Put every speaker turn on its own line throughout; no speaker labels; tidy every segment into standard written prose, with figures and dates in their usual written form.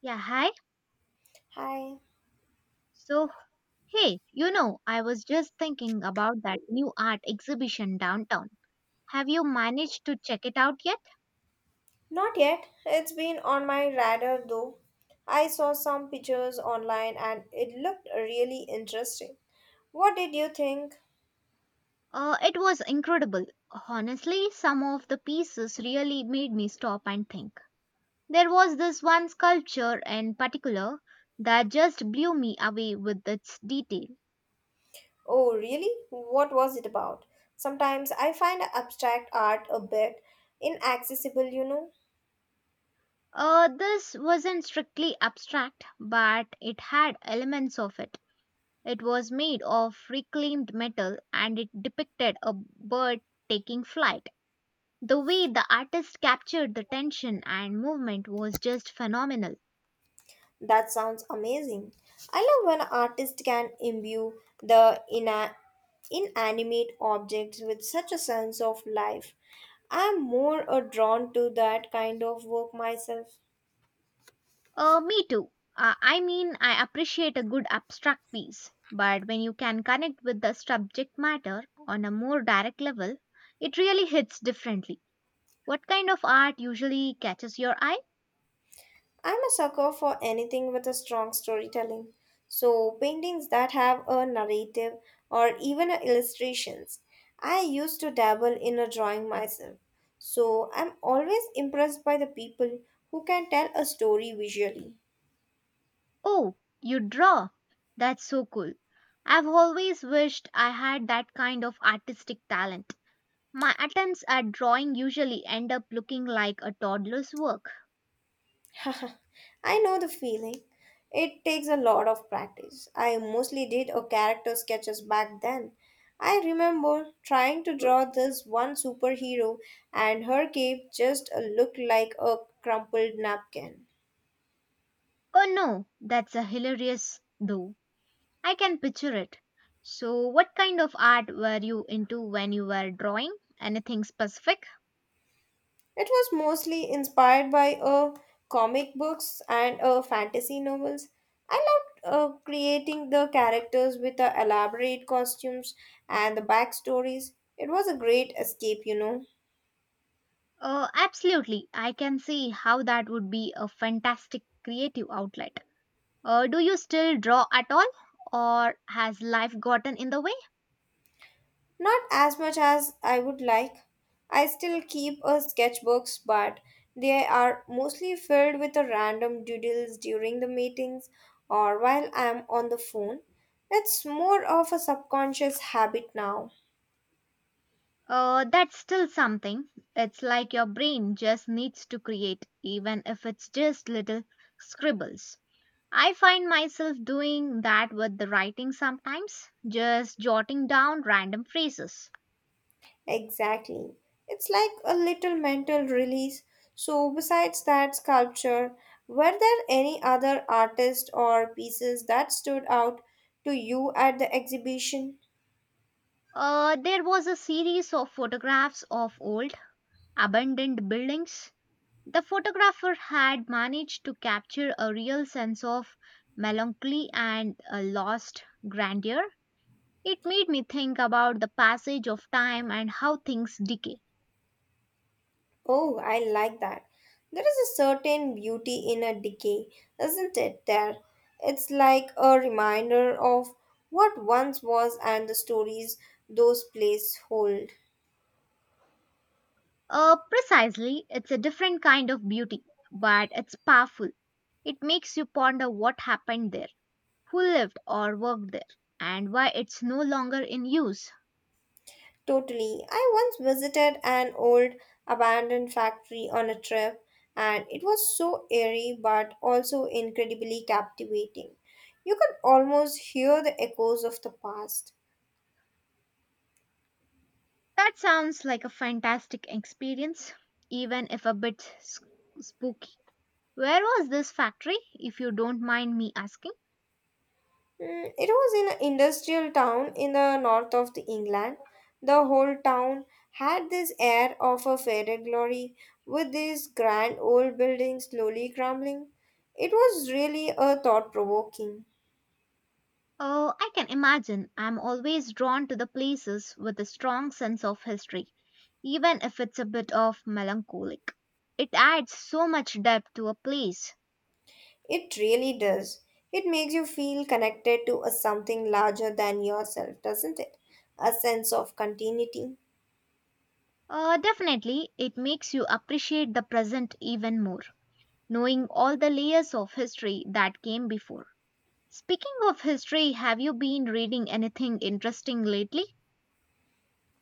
Yeah, hi.
Hi.
So, hey, you know, I was just thinking about that new art exhibition downtown. Have you managed to check it out yet?
Not yet. It's been on my radar though. I saw some pictures online and it looked really interesting. What did you think?
It was incredible. Honestly, some of the pieces really made me stop and think. There was this one sculpture in particular that just blew me away with its detail.
Oh, really? What was it about? Sometimes I find abstract art a bit inaccessible, you know.
This wasn't strictly abstract, but it had elements of it. It was made of reclaimed metal and it depicted a bird taking flight. The way the artist captured the tension and movement was just phenomenal.
That sounds amazing. I love when artists can imbue the inanimate objects with such a sense of life. I'm more drawn to that kind of work myself.
Me too. I mean, I appreciate a good abstract piece, but when you can connect with the subject matter on a more direct level, it really hits differently. What kind of art usually catches your eye?
I'm a sucker for anything with a strong storytelling. So, paintings that have a narrative or even a illustrations. I used to dabble in a drawing myself. So, I'm always impressed by the people who can tell a story visually.
Oh, you draw? That's so cool. I've always wished I had that kind of artistic talent. My attempts at drawing usually end up looking like a toddler's work.
I know the feeling. It takes a lot of practice. I mostly did a character sketches back then. I remember trying to draw this one superhero and her cape just looked like a crumpled napkin.
Oh no, that's a hilarious though. I can picture it. So, what kind of art were you into when you were drawing? Anything specific?
It was mostly inspired by comic books and fantasy novels. I loved creating the characters with the elaborate costumes and the backstories. It was a great escape, you know.
Oh, absolutely. I can see how that would be a fantastic creative outlet. Do you still draw at all? Or has life gotten in the way?
Not as much as I would like. I still keep a sketchbooks, but they are mostly filled with the random doodles during the meetings or while I am on the phone. It's more of a subconscious habit now.
That's still something. It's like your brain just needs to create, even if it's just little scribbles. I find myself doing that with the writing sometimes, just jotting down random phrases.
Exactly. It's like a little mental release. So, besides that sculpture, were there any other artists or pieces that stood out to you at the exhibition?
There was a series of photographs of old, abandoned buildings. The photographer had managed to capture a real sense of melancholy and a lost grandeur. It made me think about the passage of time and how things decay.
Oh, I like that. There is a certain beauty in a decay, isn't it? There. It's like a reminder of what once was and the stories those places hold.
Precisely, it's a different kind of beauty, but it's powerful. It makes you ponder what happened there, who lived or worked there, and why it's no longer in use.
Totally. I once visited an old abandoned factory on a trip, and it was so eerie but also incredibly captivating. You could almost hear the echoes of the past.
That sounds like a fantastic experience, even if a spooky. Where was this factory, if you don't mind me asking?
It was in an industrial town in the north of the England. The whole town had this air of a fairy glory, with these grand old buildings slowly crumbling. It was really a thought provoking.
Oh, I can imagine. I'm always drawn to the places with a strong sense of history, even if it's a bit of melancholic. It adds so much depth to a place.
It really does. It makes you feel connected to a something larger than yourself, doesn't it? A sense of continuity.
Definitely, it makes you appreciate the present even more, knowing all the layers of history that came before. Speaking of history, have you been reading anything interesting lately?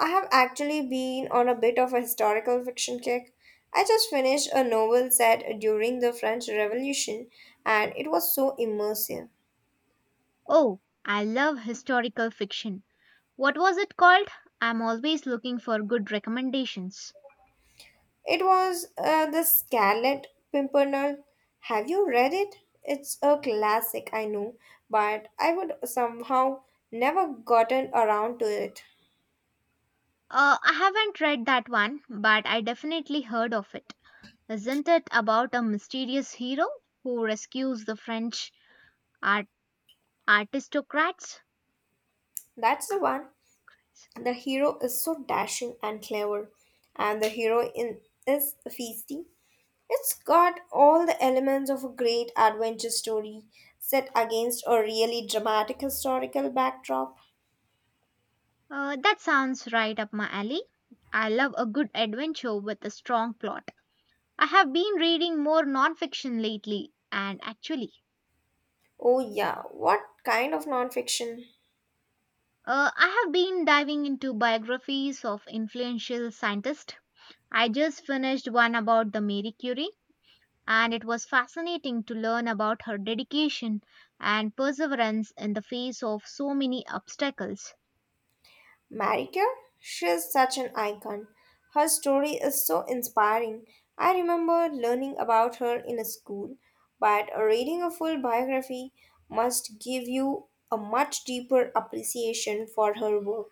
I have actually been on a bit of a historical fiction kick. I just finished a novel set during the French Revolution and it was so immersive.
Oh, I love historical fiction. What was it called? I'm always looking for good recommendations.
It was The Scarlet Pimpernel. Have you read it? It's a classic, I know, but I would somehow never gotten around to it.
I haven't read that one, but I definitely heard of it. Isn't it about a mysterious hero who rescues the French art- aristocrats?
That's the one. The hero is so dashing and clever, and the heroine is feisty. It's got all the elements of a great adventure story set against a really dramatic historical backdrop.
That sounds right up my alley. I love a good adventure with a strong plot. I have been reading more nonfiction lately, and actually,
Oh, yeah, what kind of nonfiction?
I have been diving into biographies of influential scientists. I just finished one about the Marie Curie, and it was fascinating to learn about her dedication and perseverance in the face of so many obstacles.
Marie Curie? She is such an icon. Her story is so inspiring. I remember learning about her in a school, but reading a full biography must give you a much deeper appreciation for her work.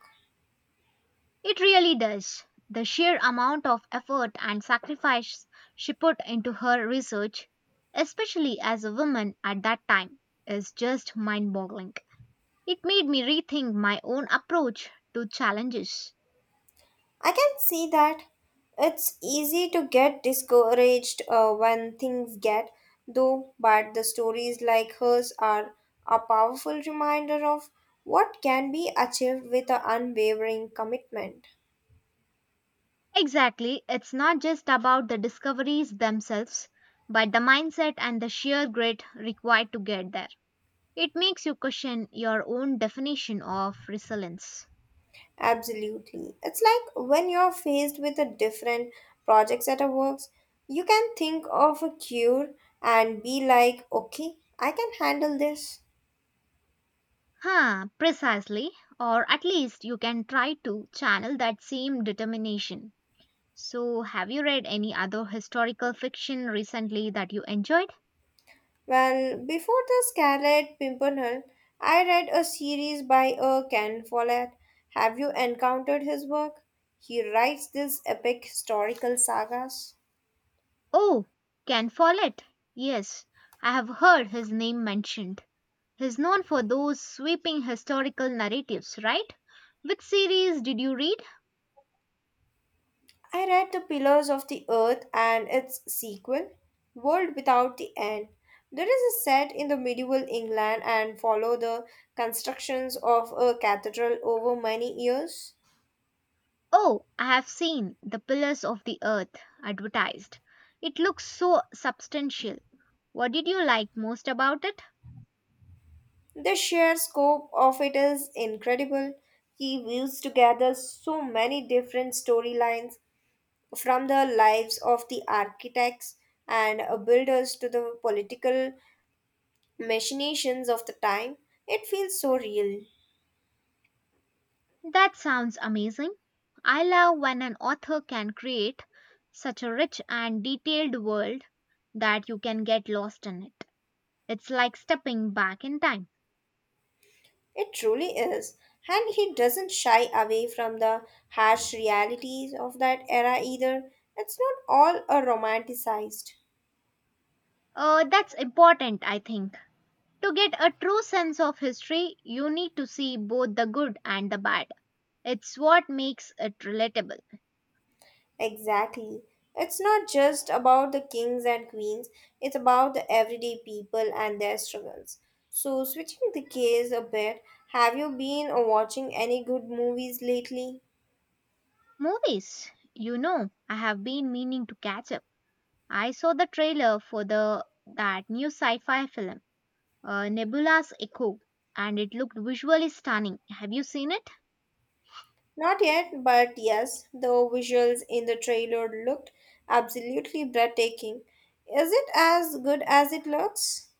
It really does. The sheer amount of effort and sacrifice she put into her research, especially as a woman at that time, is just mind boggling. It made me rethink my own approach to challenges.
I can see that. It's easy to get discouraged when things get though, but the stories like hers are a powerful reminder of what can be achieved with an unwavering commitment.
Exactly. It's not just about the discoveries themselves, but the mindset and the sheer grit required to get there. It makes you question your own definition of resilience.
Absolutely. It's like when you're faced with a different projects at a works, you can think of a cure and be like, okay, I can handle this.
Huh, precisely. Or at least you can try to channel that same determination. So, have you read any other historical fiction recently that you enjoyed?
Well, before the Scarlet Pimpernel, I read a series by Ken Follett. Have you encountered his work? He writes these epic historical sagas.
Oh, Ken Follett. Yes, I have heard his name mentioned. He's known for those sweeping historical narratives, right? Which series did you read?
I read The Pillars of the Earth and its sequel, World Without the End. There is a set in the medieval England and follow the constructions of a cathedral over many years.
Oh, I have seen The Pillars of the Earth advertised. It looks so substantial. What did you like most about it?
The sheer scope of it is incredible. He weaves together so many different storylines from the lives of the architects and builders to the political machinations of the time. It feels so real.
That sounds amazing. I love when an author can create such a rich and detailed world that you can get lost in it. It's like stepping back in time.
It truly is. And he doesn't shy away from the harsh realities of that era either. It's not all a romanticized.
That's important, I think. To get a true sense of history, you need to see both the good and the bad. It's what makes it relatable.
Exactly. It's not just about the kings and queens, it's about the everyday people and their struggles. So, switching the case a bit, have you been watching any good movies lately?
Movies, you know, I have been meaning to catch up. I saw the trailer for the that new sci-fi film, Nebula's Echo, and it looked visually stunning. Have you seen it?
Not yet, but yes, the visuals in the trailer looked absolutely breathtaking. Is it as good as it looks?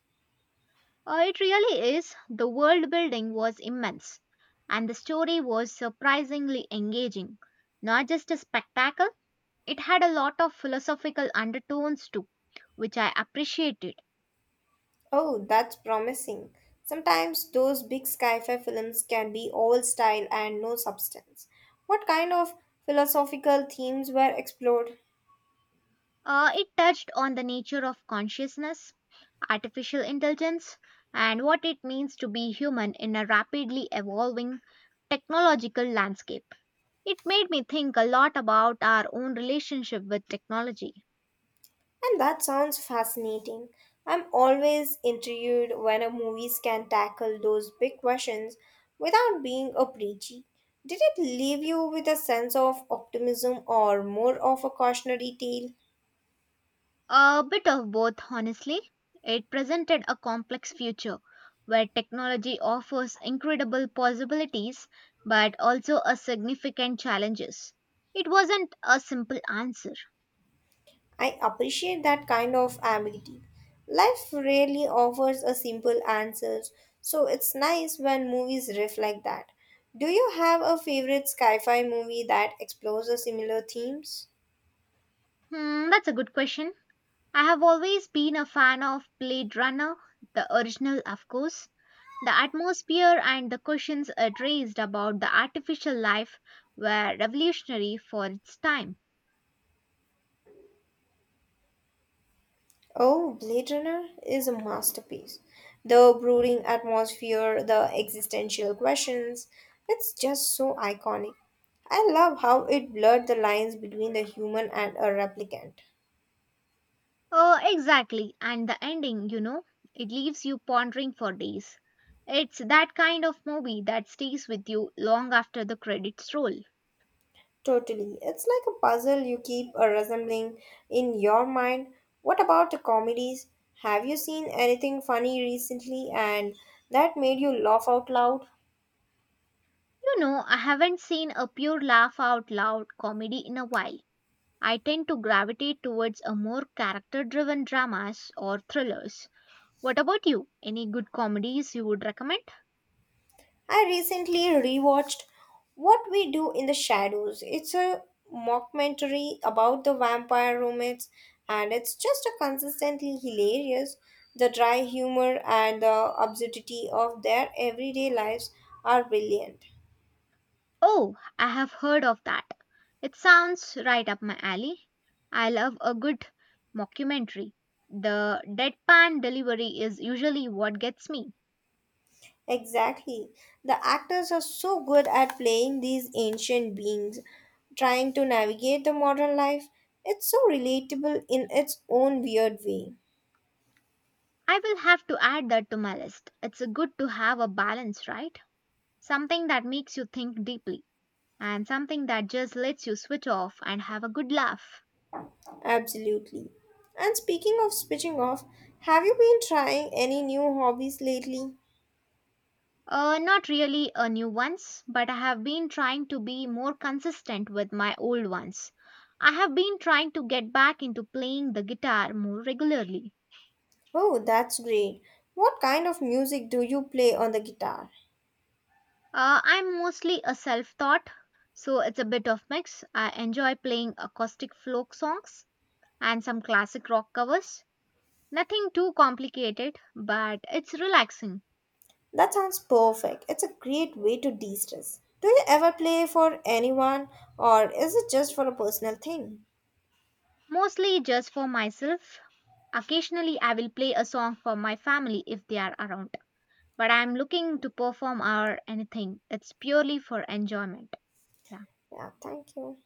It really is. The world building was immense, and the story was surprisingly engaging. Not just a spectacle, it had a lot of philosophical undertones too, which I appreciated.
Oh, that's promising. Sometimes those big sci-fi films can be all style and no substance. What kind of philosophical themes were explored?
It touched on the nature of consciousness, artificial intelligence, and what it means to be human in a rapidly evolving technological landscape. It made me think a lot about our own relationship with technology.
And that sounds fascinating. I'm always intrigued when a movies can tackle those big questions without being a preachy. Did it leave you with a sense of optimism or more of a cautionary tale?
A bit of both, honestly. It presented a complex future where technology offers incredible possibilities but also a significant challenges. It wasn't a simple answer.
I appreciate that kind of ambiguity. Life rarely offers a simple answer, so it's nice when movies reflect that. Do you have a favorite sci-fi movie that explores a similar themes?
Hmm, that's a good question. I have always been a fan of Blade Runner, the original, of course. The atmosphere and the questions it raised about the artificial life were revolutionary for its time.
Oh, Blade Runner is a masterpiece. The brooding atmosphere, the existential questions, it's just so iconic. I love how it blurred the lines between the human and a replicant.
Oh, exactly. And the ending, you know, it leaves you pondering for days. It's that kind of movie that stays with you long after the credits roll. You
Totally. It's like a puzzle you keep resembling in your mind. What about the comedies? Have you seen anything funny recently and that made you laugh out loud?
know, I haven't seen a pure laugh out loud comedy in a while. I tend to gravitate towards a more character driven dramas or thrillers. What about you? Any good comedies you would recommend?
I recently rewatched What We Do in the Shadows. It's a mockumentary about the vampire roommates and it's just a consistently hilarious. The dry humor and the absurdity of their everyday lives are brilliant.
Oh, I have heard of that. It sounds right up my alley. I love a good mockumentary. The deadpan delivery is usually what gets me.
Exactly. The actors are so good at playing these ancient beings, trying to navigate the modern life. It's so relatable in its own weird way.
I will have to add that to my list. It's good to have a balance, right? Something that makes you think deeply and something that just lets you switch off and have a good laugh.
Absolutely. And speaking of switching off, have you been trying any new hobbies lately?
Not really a new ones, but I have been trying to be more consistent with my old ones. I have been trying to get back into playing the guitar more regularly.
Oh, that's great. What kind of music do you play on the guitar?
I'm mostly a self taught, so it's a bit of mix. I enjoy playing acoustic folk songs and some classic rock covers. Nothing too complicated, but it's relaxing.
That sounds perfect. It's a great way to de stress. Do you ever play for anyone, or is it just for a personal thing?
Mostly just for myself. Occasionally, I will play a song for my family if they are around. But I'm looking to perform or anything. It's purely for enjoyment. Yeah.
Yeah, thank you.